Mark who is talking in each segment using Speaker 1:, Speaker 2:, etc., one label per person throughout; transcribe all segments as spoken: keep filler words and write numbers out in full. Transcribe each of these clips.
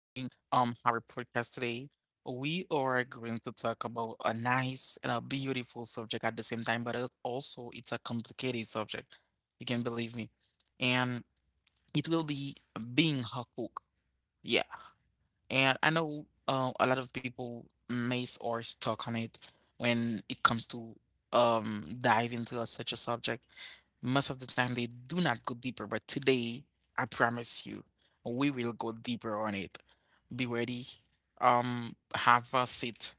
Speaker 1: um our podcast today. We are going to talk about a nice and a beautiful subject at the same time, but it also it's a complicated subject. You can believe me. And it will be being a cook. Yeah. And I know uh, a lot of people miss or stuck on it when it comes to um dive into a- such a subject. Most of the time they do not go deeper, but today I promise you we will go deeper on it. Be ready. Um, have a seat.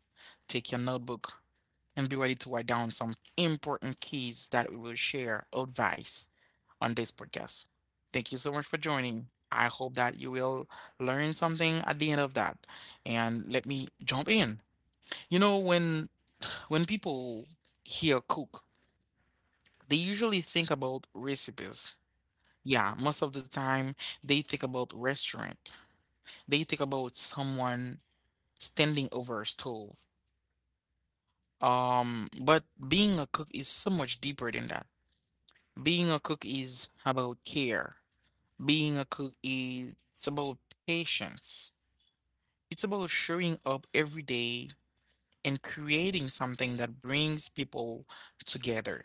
Speaker 1: Take your notebook and be ready to write down some important keys that we will share advice on this podcast. Thank you so much for joining. I hope that you will learn something at the end of that. And let me jump in. You know, when when people hear cook, they usually think about recipes. Yeah, most of the time they think about restaurant. They think about someone standing over a stove. Um, but being a cook is so much deeper than that. Being a cook is about care. Being a cook is it's about patience. It's about showing up every day and creating something that brings people together.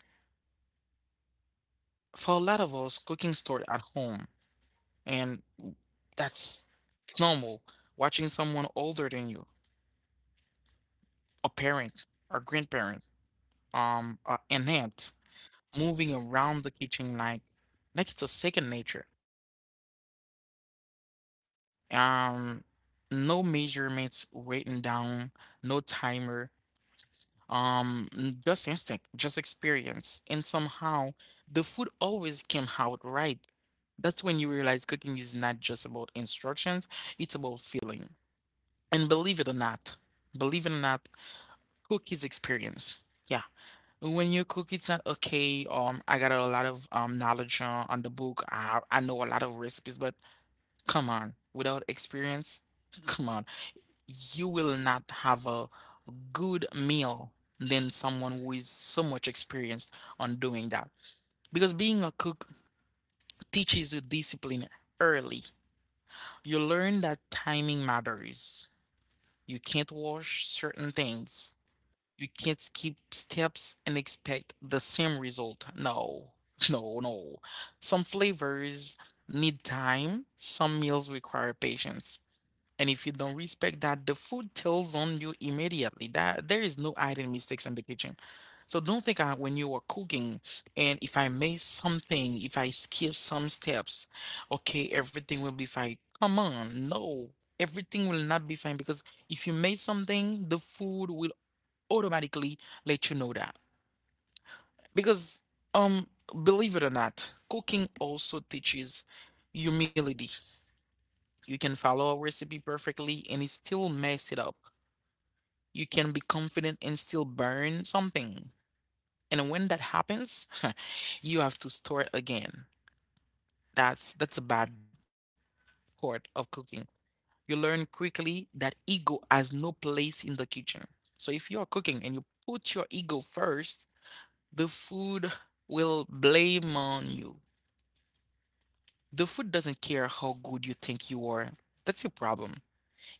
Speaker 1: For a lot of us, cooking started at home, and that's it's normal. Watching someone older than you, a parent, a grandparent, um, a, an aunt, moving around the kitchen like like it's a second nature. um no measurements written down, no timer, um n- just instinct, just experience, and somehow the food always came out right. That's when you realize cooking is not just about instructions, it's about feeling. And believe it or not believe it or not cook is experience. Yeah, when you cook it's not okay. um I got a lot of um knowledge uh, on the book. I, I know a lot of recipes, but come on, without experience, come on, you will not have a good meal than someone who is so much experienced on doing that. Because being a cook teaches you discipline early. You learn that timing matters. You can't wash certain things. You can't skip steps and expect the same result. No, no, no. Some flavors need time, some meals require patience. And if you don't respect that, the food tells on you immediately. That there is no hiding mistakes in the kitchen. So don't think I, when you are cooking and if I miss something, if I skip some steps, okay, everything will be fine. Come on, no, everything will not be fine because if you miss something, the food will automatically let you know that. Because um, believe it or not, cooking also teaches humility. You can follow a recipe perfectly and it still mess it up. You can be confident and still burn something. And when that happens, you have to start again. That's that's a bad part of cooking. You learn quickly that ego has no place in the kitchen. So if you are cooking and you put your ego first, the food will blame on you. The food doesn't care how good you think you are. That's your problem.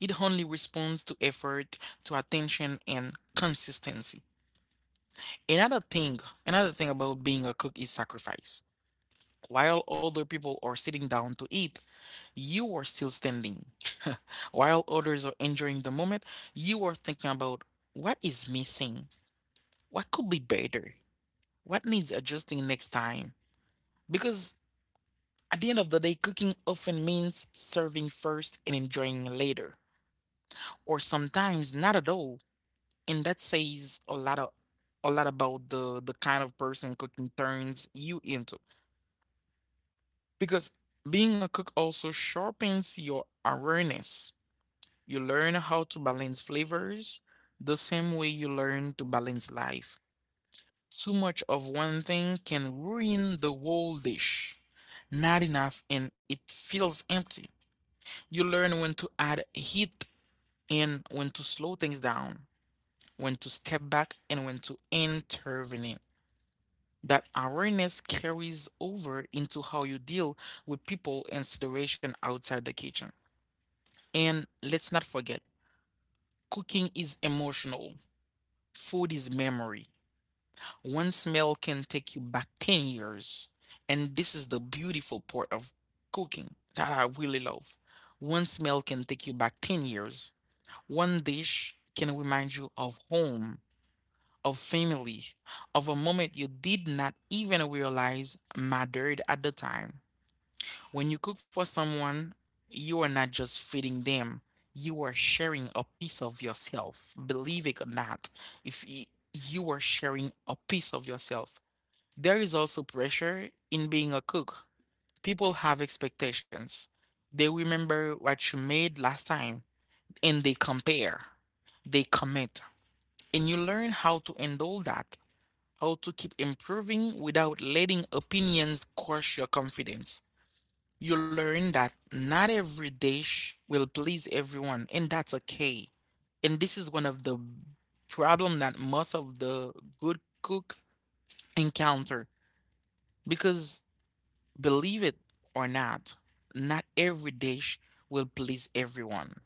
Speaker 1: It only responds to effort, to attention, and consistency. Another thing, another thing about being a cook is sacrifice. While other people are sitting down to eat, you are still standing. While others are enjoying the moment, you are thinking about what is missing, what could be better, what needs adjusting next time. Because at the end of the day, cooking often means serving first and enjoying later, or sometimes not at all. And that says a lot of a lot about the the kind of person cooking turns you into. Because being a cook also sharpens your awareness. You learn how to balance flavors the same way you learn to balance life. Too much of one thing can ruin the whole dish. Not enough and it feels empty. You learn when to add heat and when to slow things down, when to step back and when to intervene. That awareness carries over into how you deal with people and situation outside the kitchen. And let's not forget, cooking is emotional, food is memory. One smell can take you back ten years. And this is the beautiful part of cooking that I really love. One smell can take you back ten years. One dish can remind you of home, of family, of a moment you did not even realize mattered at the time. When you cook for someone, you are not just feeding them, you are sharing a piece of yourself. Believe it or not, if y- you are sharing a piece of yourself, there is also pressure in being a cook. People have expectations. They remember what you made last time and they compare, they commit, and you learn how to handle that, how to keep improving without letting opinions crush your confidence. You learn that not every dish will please everyone, and that's okay. And this is one of the problem that most of the good cook encounter because believe it or not, not every dish will please everyone.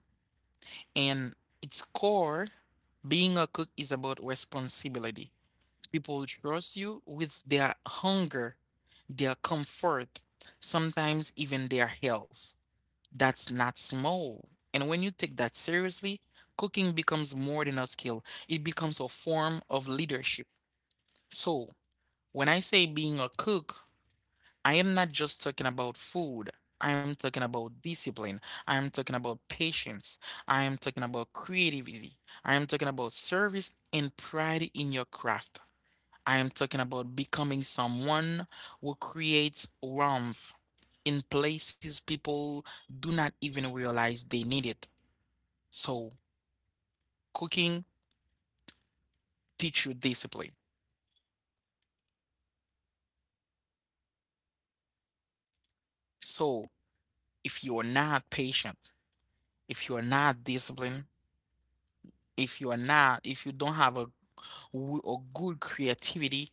Speaker 1: And its core, being a cook is about responsibility. People trust you with their hunger, their comfort, sometimes even their health. That's not small. And when you take that seriously, cooking becomes more than a skill, it becomes a form of leadership. So, when I say being a cook, I am not just talking about food. I am talking about discipline. I am talking about patience. I am talking about creativity. I am talking about service and pride in your craft. I am talking about becoming someone who creates warmth in places people do not even realize they need it. So, cooking teach you discipline. So, if you are not patient, if you are not disciplined, if you are not, if you don't have a, w- a good creativity,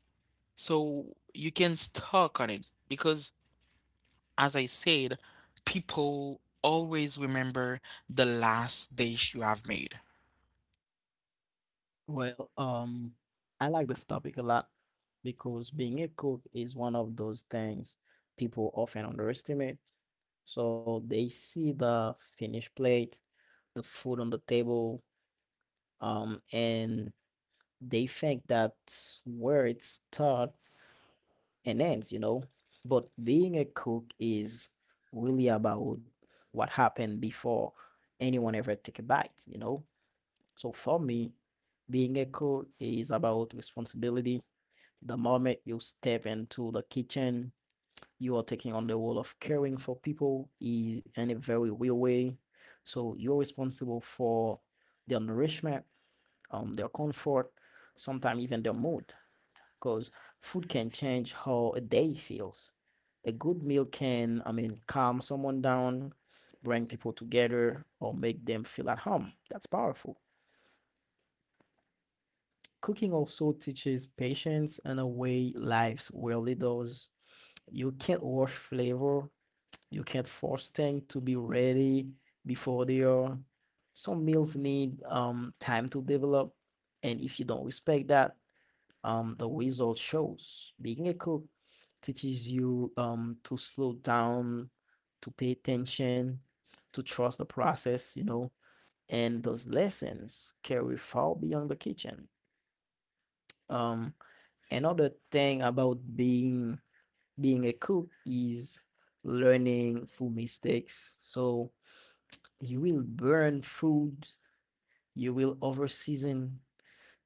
Speaker 1: so you can stuck on it because, as I said, people always remember the last dish you have made.
Speaker 2: Well, um, I like this topic a lot because being a cook is one of those things people often underestimate. So they see the finished plate, the food on the table, um, and they think that's where it starts and ends, you know. But being a cook is really about what happened before anyone ever take a bite, you know. So for me, being a cook is about responsibility. The moment you step into the kitchen, you are taking on the role of caring for people is in a very real way. So you're responsible for their nourishment, um, their comfort, sometimes even their mood, because food can change how a day feels. A good meal can, I mean, calm someone down, bring people together, or make them feel at home. That's powerful. Cooking also teaches patience in a way lives rarely does. You can't rush flavor. You can't force things to be ready before they are. Some meals need um, time to develop, and if you don't respect that, um, the result shows. Being a cook teaches you um, to slow down, to pay attention, to trust the process, you know, and those lessons carry far beyond the kitchen. Um, another thing about being being a cook is learning through mistakes. So you will burn food, you will over season,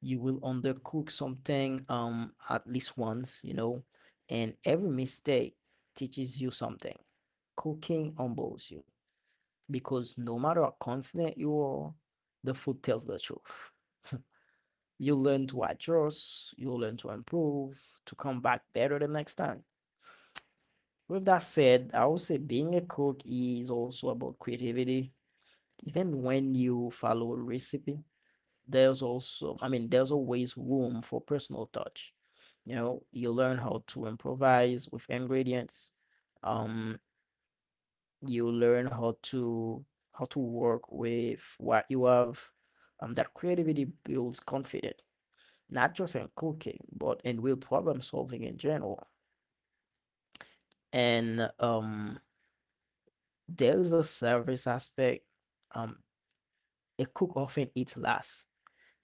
Speaker 2: you will undercook something um at least once, you know, and every mistake teaches you something. Cooking humbles you because no matter how confident you are, the food tells the truth. You learn to adjust, you learn to improve, to come back better the next time. With that said, I would say being a cook is also about creativity. Even when you follow a recipe, there's also, I mean, there's always room for personal touch. You know, you learn how to improvise with ingredients. Um, you learn how to how to work with what you have. Um, that creativity builds confidence, not just in cooking, but in real problem solving in general. And um There is a service aspect. Um, a cook often eats last.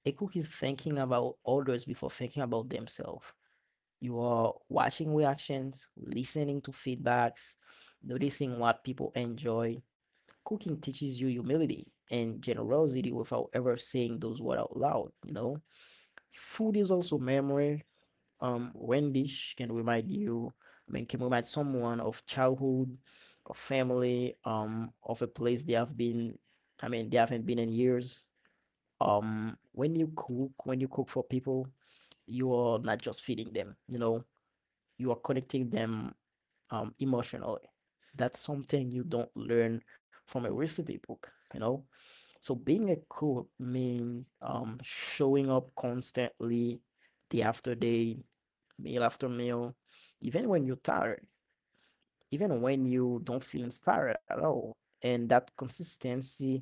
Speaker 2: A cook is thinking about others before thinking about themselves. You are watching reactions, listening to feedbacks, noticing what people enjoy. Cooking teaches you humility and generosity without ever saying those words out loud, you know? Food is also memory. Um, when dish can remind you, I mean, can remind someone of childhood, of family, um, of a place they have been, I mean, they haven't been in years. Um, when you cook, when you cook for people, you are not just feeding them, you know, you are connecting them, um, emotionally. That's something you don't learn from a recipe book, you know? So being a cook means um showing up constantly day after day, meal after meal, even when you're tired, even when you don't feel inspired at all. And that consistency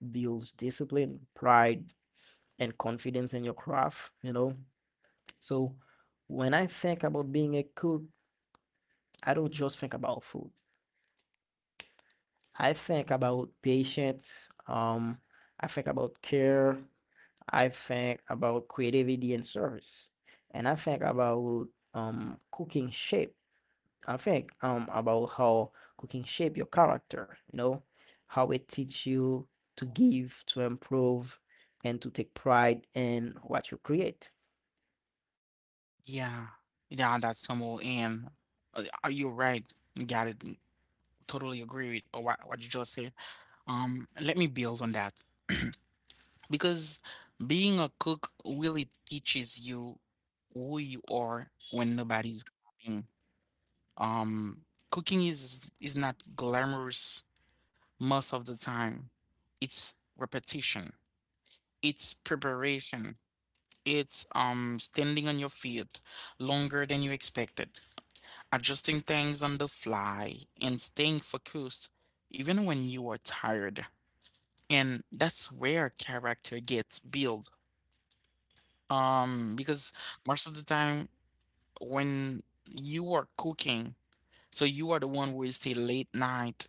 Speaker 2: builds discipline, pride, and confidence in your craft, you know? So when I think about being a cook, I don't just think about food. I think about patience, um, I think about care, I think about creativity and service, and I think about um cooking shape I think um about how cooking shape your character, you know, how it teach you to give, to improve, and to take pride in what you create.
Speaker 1: Yeah. Yeah, that's normal. And uh, are you right? Got it. mm, Totally agree with uh, what, what you just said. Um, let me build on that because being a cook really teaches you who you are when nobody's clapping. Um, cooking is is not glamorous most of the time. It's repetition. It's preparation. It's um standing on your feet longer than you expected. Adjusting things on the fly and staying focused even when you are tired. And that's where character gets built. Um, because most of the time when you are cooking, so you are the one who will stay late night,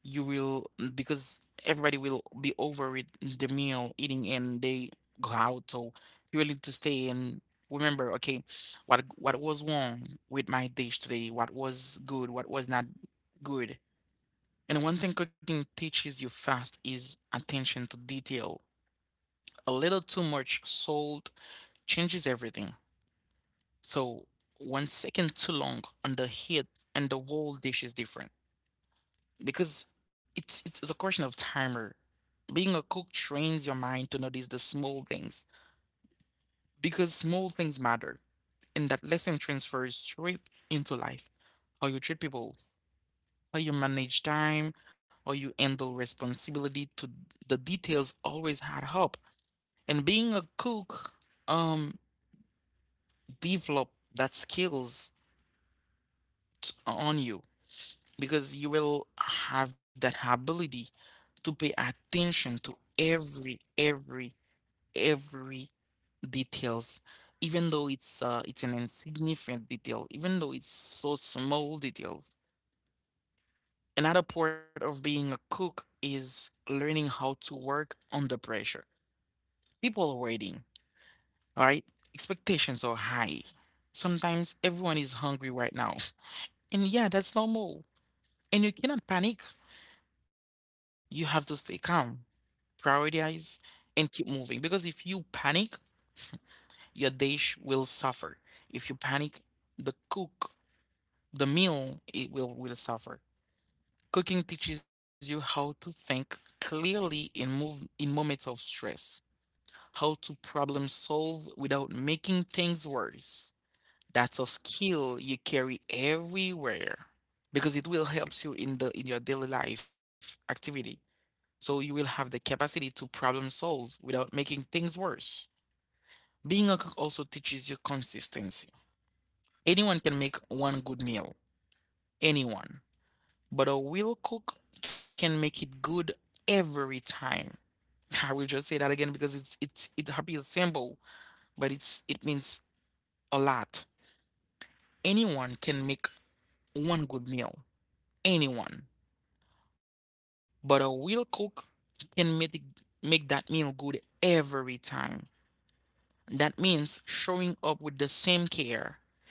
Speaker 1: you will, because everybody will be over it the meal eating and they go out, so you will need to stay and remember, okay, what what was wrong with my dish today, what was good, what was not good. And one thing cooking teaches you fast is attention to detail. A little too much salt changes everything. So one second too long on the heat and the whole dish is different. Because it's it's a question of timer. Being a cook trains your mind to notice the small things. Because small things matter. And that lesson transfers straight into life. How you treat people, how you manage time, how you handle responsibility to the details always add up. And being a cook, um, develop that skills t- on you because you will have that ability to pay attention to every, every, every details, even though it's uh, it's an insignificant detail, even though it's so small details. Another part of being a cook is learning how to work under pressure. People are waiting. All right. Expectations are high. Sometimes everyone is hungry right now. And yeah, that's normal. And you cannot panic. You have to stay calm, prioritize, and keep moving. Because if you panic, your dish will suffer. If you panic, the cook, the meal, it will, will suffer. Cooking teaches you how to think clearly in move in moments of stress, how to problem solve without making things worse. That's a skill you carry everywhere because it will help you in the in your daily life activity. So you will have the capacity to problem solve without making things worse. Being a cook also teaches you consistency. Anyone can make one good meal, anyone, but a real cook can make it good every time. I will just say that again because it's it's it appears simple, but it's it means a lot. Anyone can make one good meal. Anyone. But a real cook can make, make that meal good every time. That means showing up with the same care,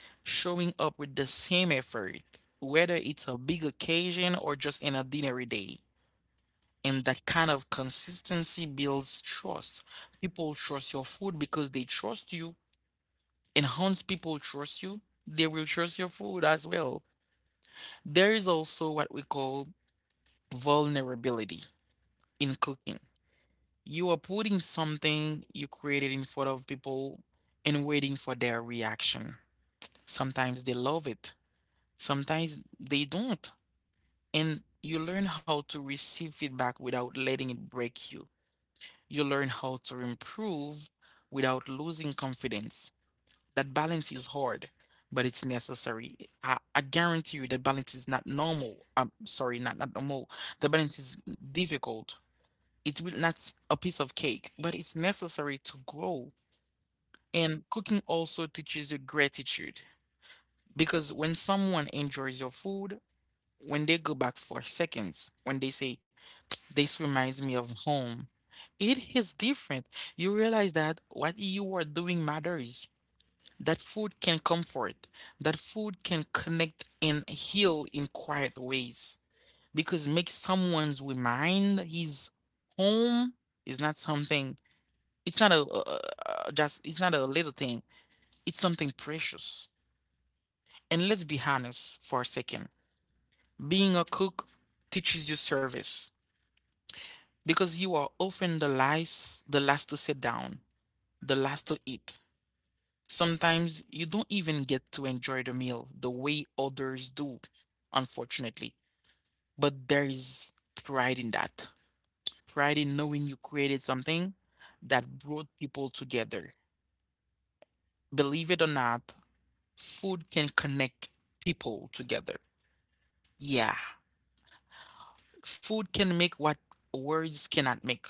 Speaker 1: showing up with the same effort, whether it's a big occasion or just an ordinary day. And that kind of consistency builds trust. People trust your food because they trust you. And once people trust you, they will trust your food as well. There is also what we call vulnerability in cooking. You are putting something you created in front of people and waiting for their reaction. Sometimes they love it, sometimes they don't. And you learn how to receive feedback without letting it break you. You learn how to improve without losing confidence. That balance is hard, but it's necessary. I, I guarantee you that balance is not normal. I'm sorry, not, not normal. The balance is difficult. It will not s- a piece of cake, but it's necessary to grow. And cooking also teaches you gratitude because when someone enjoys your food, when they go back for seconds, when they say, this reminds me of home, it is different. You realize that what you are doing matters. That food can comfort, that food can connect and heal in quiet ways. Because make someone's remind his home is not something, it's not a, a, a a- just, it's not a little thing, it's something precious. And let's be honest for a second. Being a cook teaches you service because you are often the last, the last to sit down, the last to eat. Sometimes you don't even get to enjoy the meal the way others do, unfortunately. But there is pride in that. Pride in knowing you created something that brought people together. Believe it or not, food can connect people together. Yeah, food can make what words cannot make.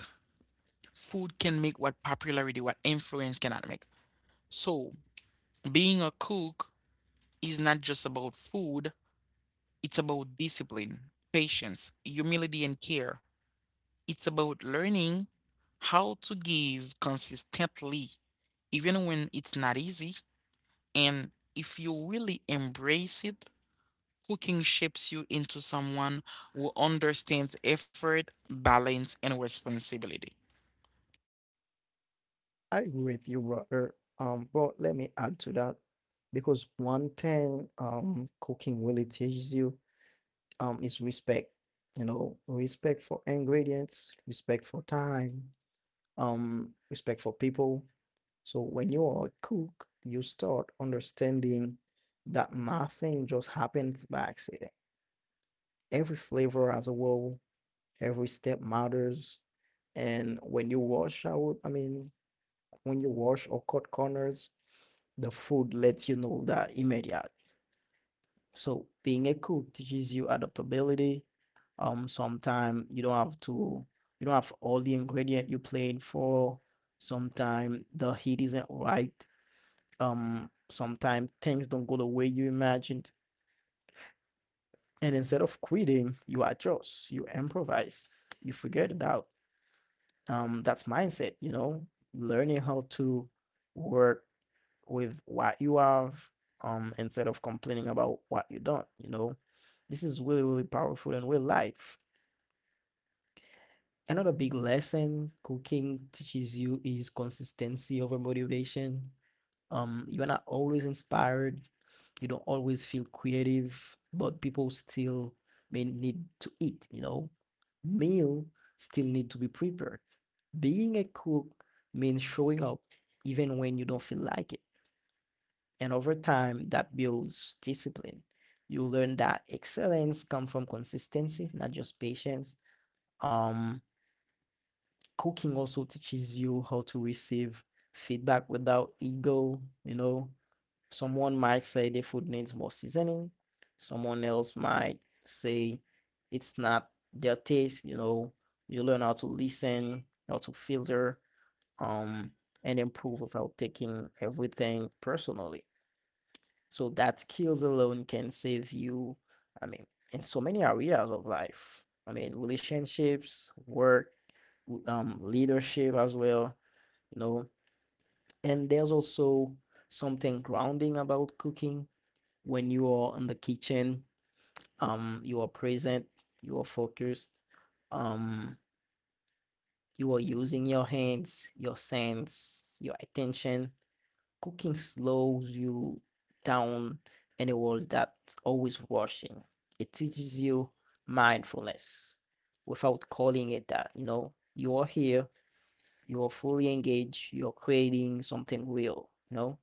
Speaker 1: Food can make what popularity, what influence cannot make. So, being a cook is not just about food, it's about discipline, patience, humility, and care. It's about learning how to give consistently, even when it's not easy. And if you really embrace it, cooking shapes you into someone who understands effort, balance, and responsibility.
Speaker 2: I agree with you, brother. Um, but let me add to that because one thing um cooking really teaches you um is respect. You know, respect for ingredients, respect for time, um, respect for people. So when you are a cook, you start understanding that nothing just happens by accident. Every flavor has a role, every step matters. And when you wash out, I mean, when you wash or cut corners, the food lets you know that immediately. So being a cook teaches you adaptability. Um, sometimes you don't have to, you don't have all the ingredient you planned for. Sometimes the heat isn't right. um sometimes things don't go the way you imagined, and instead of quitting, you adjust, you improvise, you figure it out. Um that's mindset, you know, learning how to work with what you have, um instead of complaining about what you don't, you know. This is really really powerful in real life. Another big lesson cooking teaches you is consistency over motivation. Um, you're not always inspired. You don't always feel creative, but people still may need to eat, you know? Meal still need to be prepared. Being a cook means showing up even when you don't feel like it. And over time, that builds discipline. You learn that excellence comes from consistency, not just patience. Um, Cooking also teaches you how to receive feedback without ego, you know. Someone might say the food needs more seasoning. Someone else might say it's not their taste. You know, you learn how to listen, how to filter, um, and improve without taking everything personally. So that skills alone can save you, I mean, in so many areas of life. I mean, relationships, work, w- um, leadership as well, you know. And there's also something grounding about cooking. When you are in the kitchen, um you are present, you are focused, um you are using your hands, your sense, your attention. Cooking slows you down in a world that's always rushing. It teaches you mindfulness without calling it that. You know, you are here, you are fully engaged, you're creating something real, you know.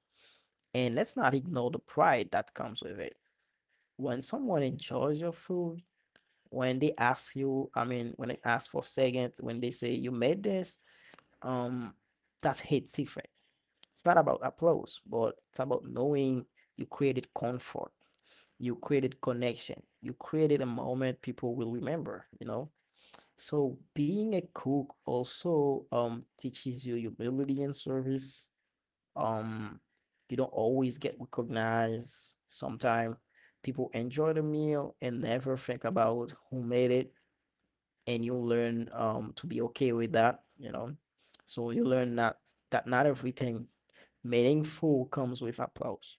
Speaker 2: And let's not ignore the pride that comes with it. When someone enjoys your food, when they ask you, I mean, when they ask for seconds, when they say you made this, um, that's hit different. It's not about applause, but it's about knowing you created comfort, you created connection, you created a moment people will remember, you know? So being a cook also um teaches you humility and service. Um, you don't always get recognized. Sometimes people enjoy the meal and never think about who made it, and you'll learn um to be okay with that, you know. So you learn that that not everything meaningful comes with applause.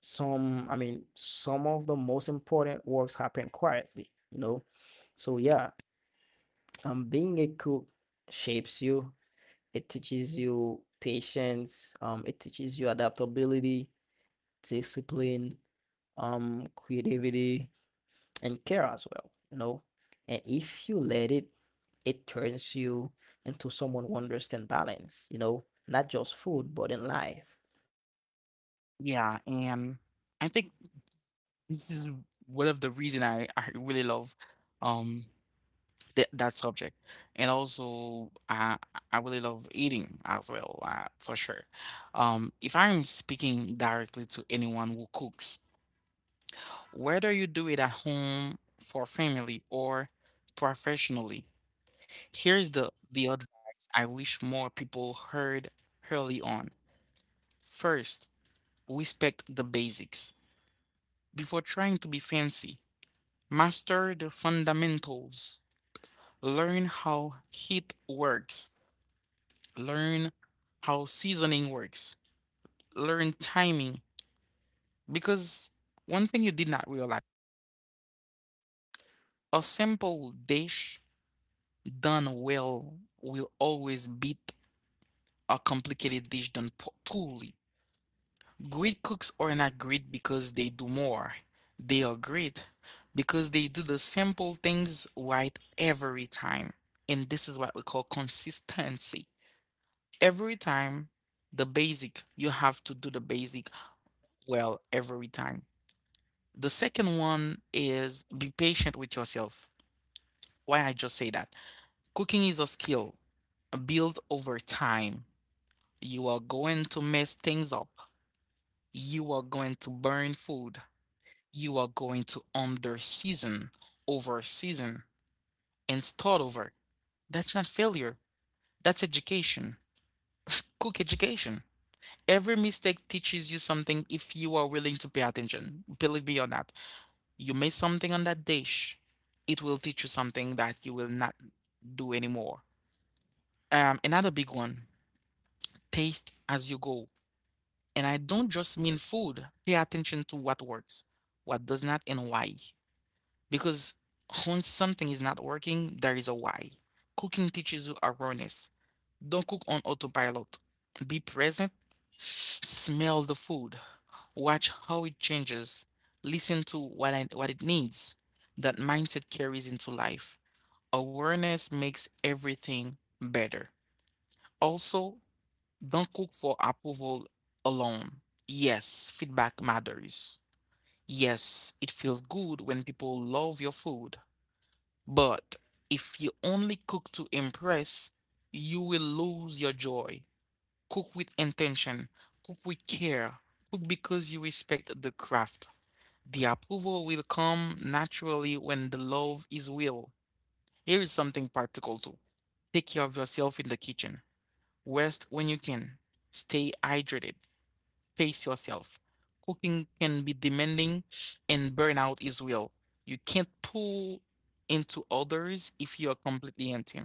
Speaker 2: Some, I mean, some of the most important works happen quietly, you know. So yeah, um, being a cook shapes you. It teaches you patience. Um, it teaches you adaptability, discipline, um, creativity, and care as well, you know. And if you let it, it turns you into someone who understands balance, you know, not just food, but in life.
Speaker 1: Yeah, and I think this is one of the reason I, I really love um that that subject. And also I I really love eating as well, uh, for sure. Um if I'm speaking directly to anyone who cooks, whether you do it at home for family or professionally, here's the the advice I wish more people heard early on. First, respect the basics before trying to be fancy. Master the fundamentals. Learn how heat works. Learn how seasoning works. Learn timing. Because one thing you did not realize, a simple dish done well will always beat a complicated dish done po- poorly. Great cooks are not great because they do more, they are great because they do the simple things right every time. And this is what we call consistency. Every time, the basic, you have to do the basic well every time. The second one is be patient with yourself. Why I just say that? Cooking is a skill built over time. You are going to mess things up. You are going to burn food. You are going to under season, over season, and start over. That's not failure. That's education. Cook education. Every mistake teaches you something if you are willing to pay attention. Believe me on that. You made something on that dish, it will teach you something that you will not do anymore. Um, another big one, taste as you go. And I don't just mean food. Pay attention to what works, what does not, and why. Because when something is not working, there is a why. Cooking teaches you awareness. Don't cook on autopilot. Be present. Smell the food. Watch how it changes, listen to what I, what it needs. That mindset carries into life. Awareness makes everything better. Also, don't cook for approval alone. Yes, feedback matters. Yes, it feels good when people love your food. But if you only cook to impress, you will lose your joy. Cook with intention, cook with care, cook because you respect the craft. The approval will come naturally when the love is real. Here is something practical too. Take care of yourself in the kitchen. Rest when you can. Stay hydrated. Pace yourself. Cooking can be demanding and burnout is real. You can't pull into others if you are completely empty.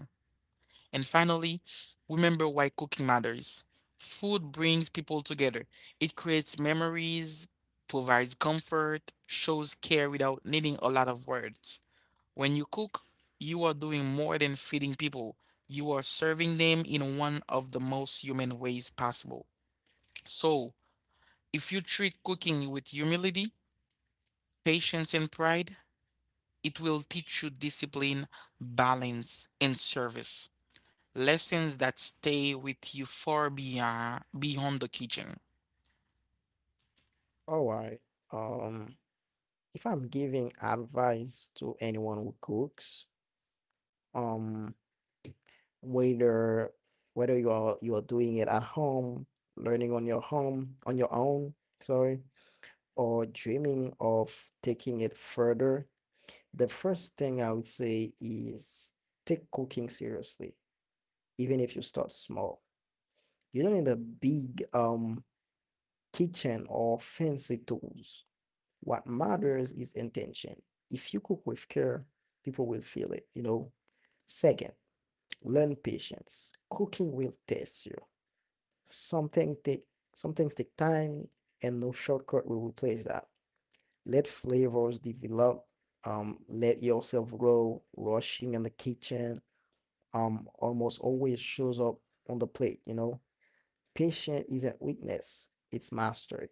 Speaker 1: And finally, remember why cooking matters. Food brings people together. It creates memories, provides comfort, shows care without needing a lot of words. When you cook, you are doing more than feeding people. You are serving them in one of the most human ways possible. So, if you treat cooking with humility, patience, and pride, it will teach you discipline, balance, and service. Lessons that stay with you far beyond beyond the kitchen.
Speaker 2: All right. Um, if I'm giving advice to anyone who cooks, um, whether whether you are you are doing it at home, learning on your home on your own, sorry, or dreaming of taking it further, the first thing I would say is take cooking seriously, even if you start small. You don't need a big um kitchen or fancy tools. What matters is intention. If you cook with care, people will feel it, you know. Second, learn patience. Cooking will test you. Something take some things take time, and no shortcut will replace that. Let flavors develop. Um, let yourself grow. Rushing in the kitchen um almost always shows up on the plate, you know. Patience is a weakness, it's mastery.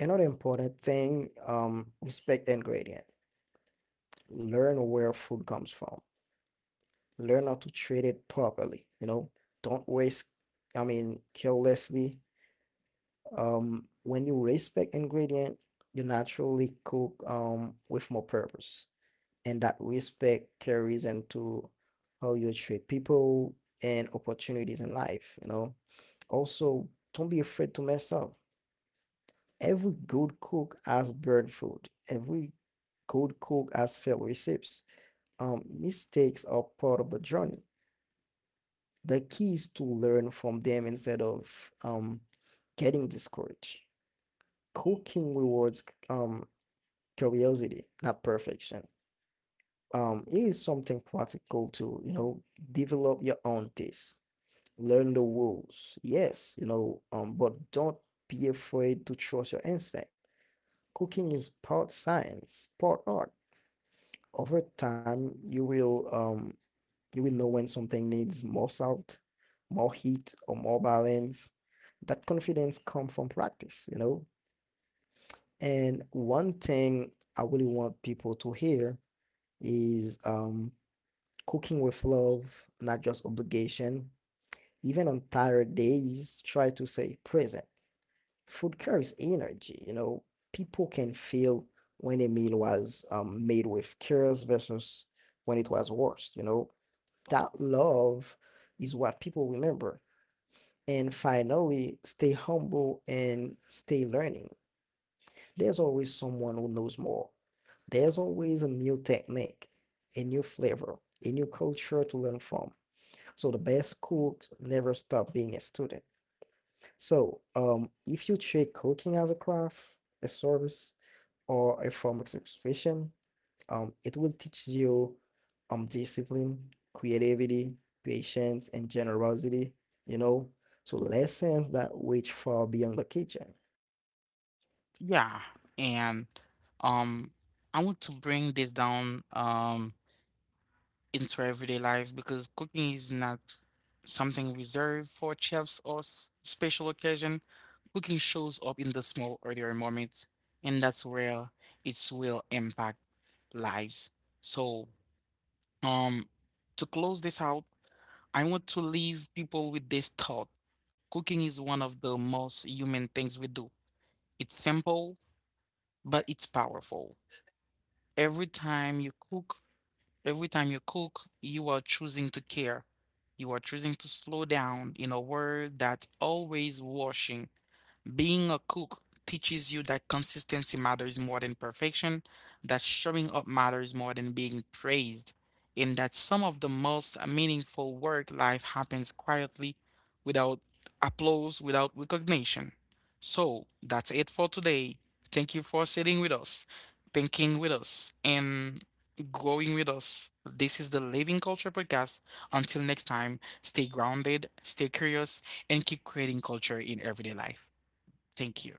Speaker 2: Another important thing, um, respect ingredient. Learn where food comes from. Learn how to treat it properly. You know, don't waste, I mean, carelessly. Um, when you respect ingredient, you naturally cook um with more purpose. And that respect carries into how you treat people and opportunities in life, you know. Also, don't be afraid to mess up. Every good cook has burned food. Every good cook has failed recipes. Um, mistakes are part of the journey. The key is to learn from them instead of um, getting discouraged. Cooking rewards um, curiosity, not perfection. Um, it is something practical to, you know, develop your own taste. Learn the rules. Yes, you know, um, but don't be afraid to trust your instinct. Cooking is part science, part art. Over time, you will um you will know when something needs more salt, more heat, or more balance. That confidence comes from practice, you know. And one thing I really want people to hear is um cooking with love, not just obligation. Even on tired days, try to stay present. Food carries energy, you know. People can feel when a meal was um, made with cares versus when it was worse, you know. That love is what people remember. And finally, stay humble and stay learning. There's always someone who knows more. There's always a new technique, a new flavor, a new culture to learn from. So the best cooks never stop being a student. So, um, if you treat cooking as a craft, a service, or a form of expression, Um, it will teach you um discipline, creativity, patience, and generosity, you know. So lessons that reach far beyond the kitchen.
Speaker 1: Yeah. And um I want to bring this down um into everyday life because cooking is not something reserved for chefs or s- special occasion. Cooking shows up in the small ordinary moments, and that's where its will impact lives. So, um, to close this out, I want to leave people with this thought. Cooking is one of the most human things we do. It's simple, but it's powerful. Every time you cook, every time you cook, you are choosing to care. You are choosing to slow down in a world that's always rushing. Being a cook teaches you that consistency matters more than perfection, that showing up matters more than being praised, and that some of the most meaningful work life happens quietly without applause, without recognition. So that's it for today. Thank you for sitting with us, thinking with us, and growing with us. This is the Living Culture Podcast. Until next time, stay grounded, stay curious, and keep creating culture in everyday life. Thank you.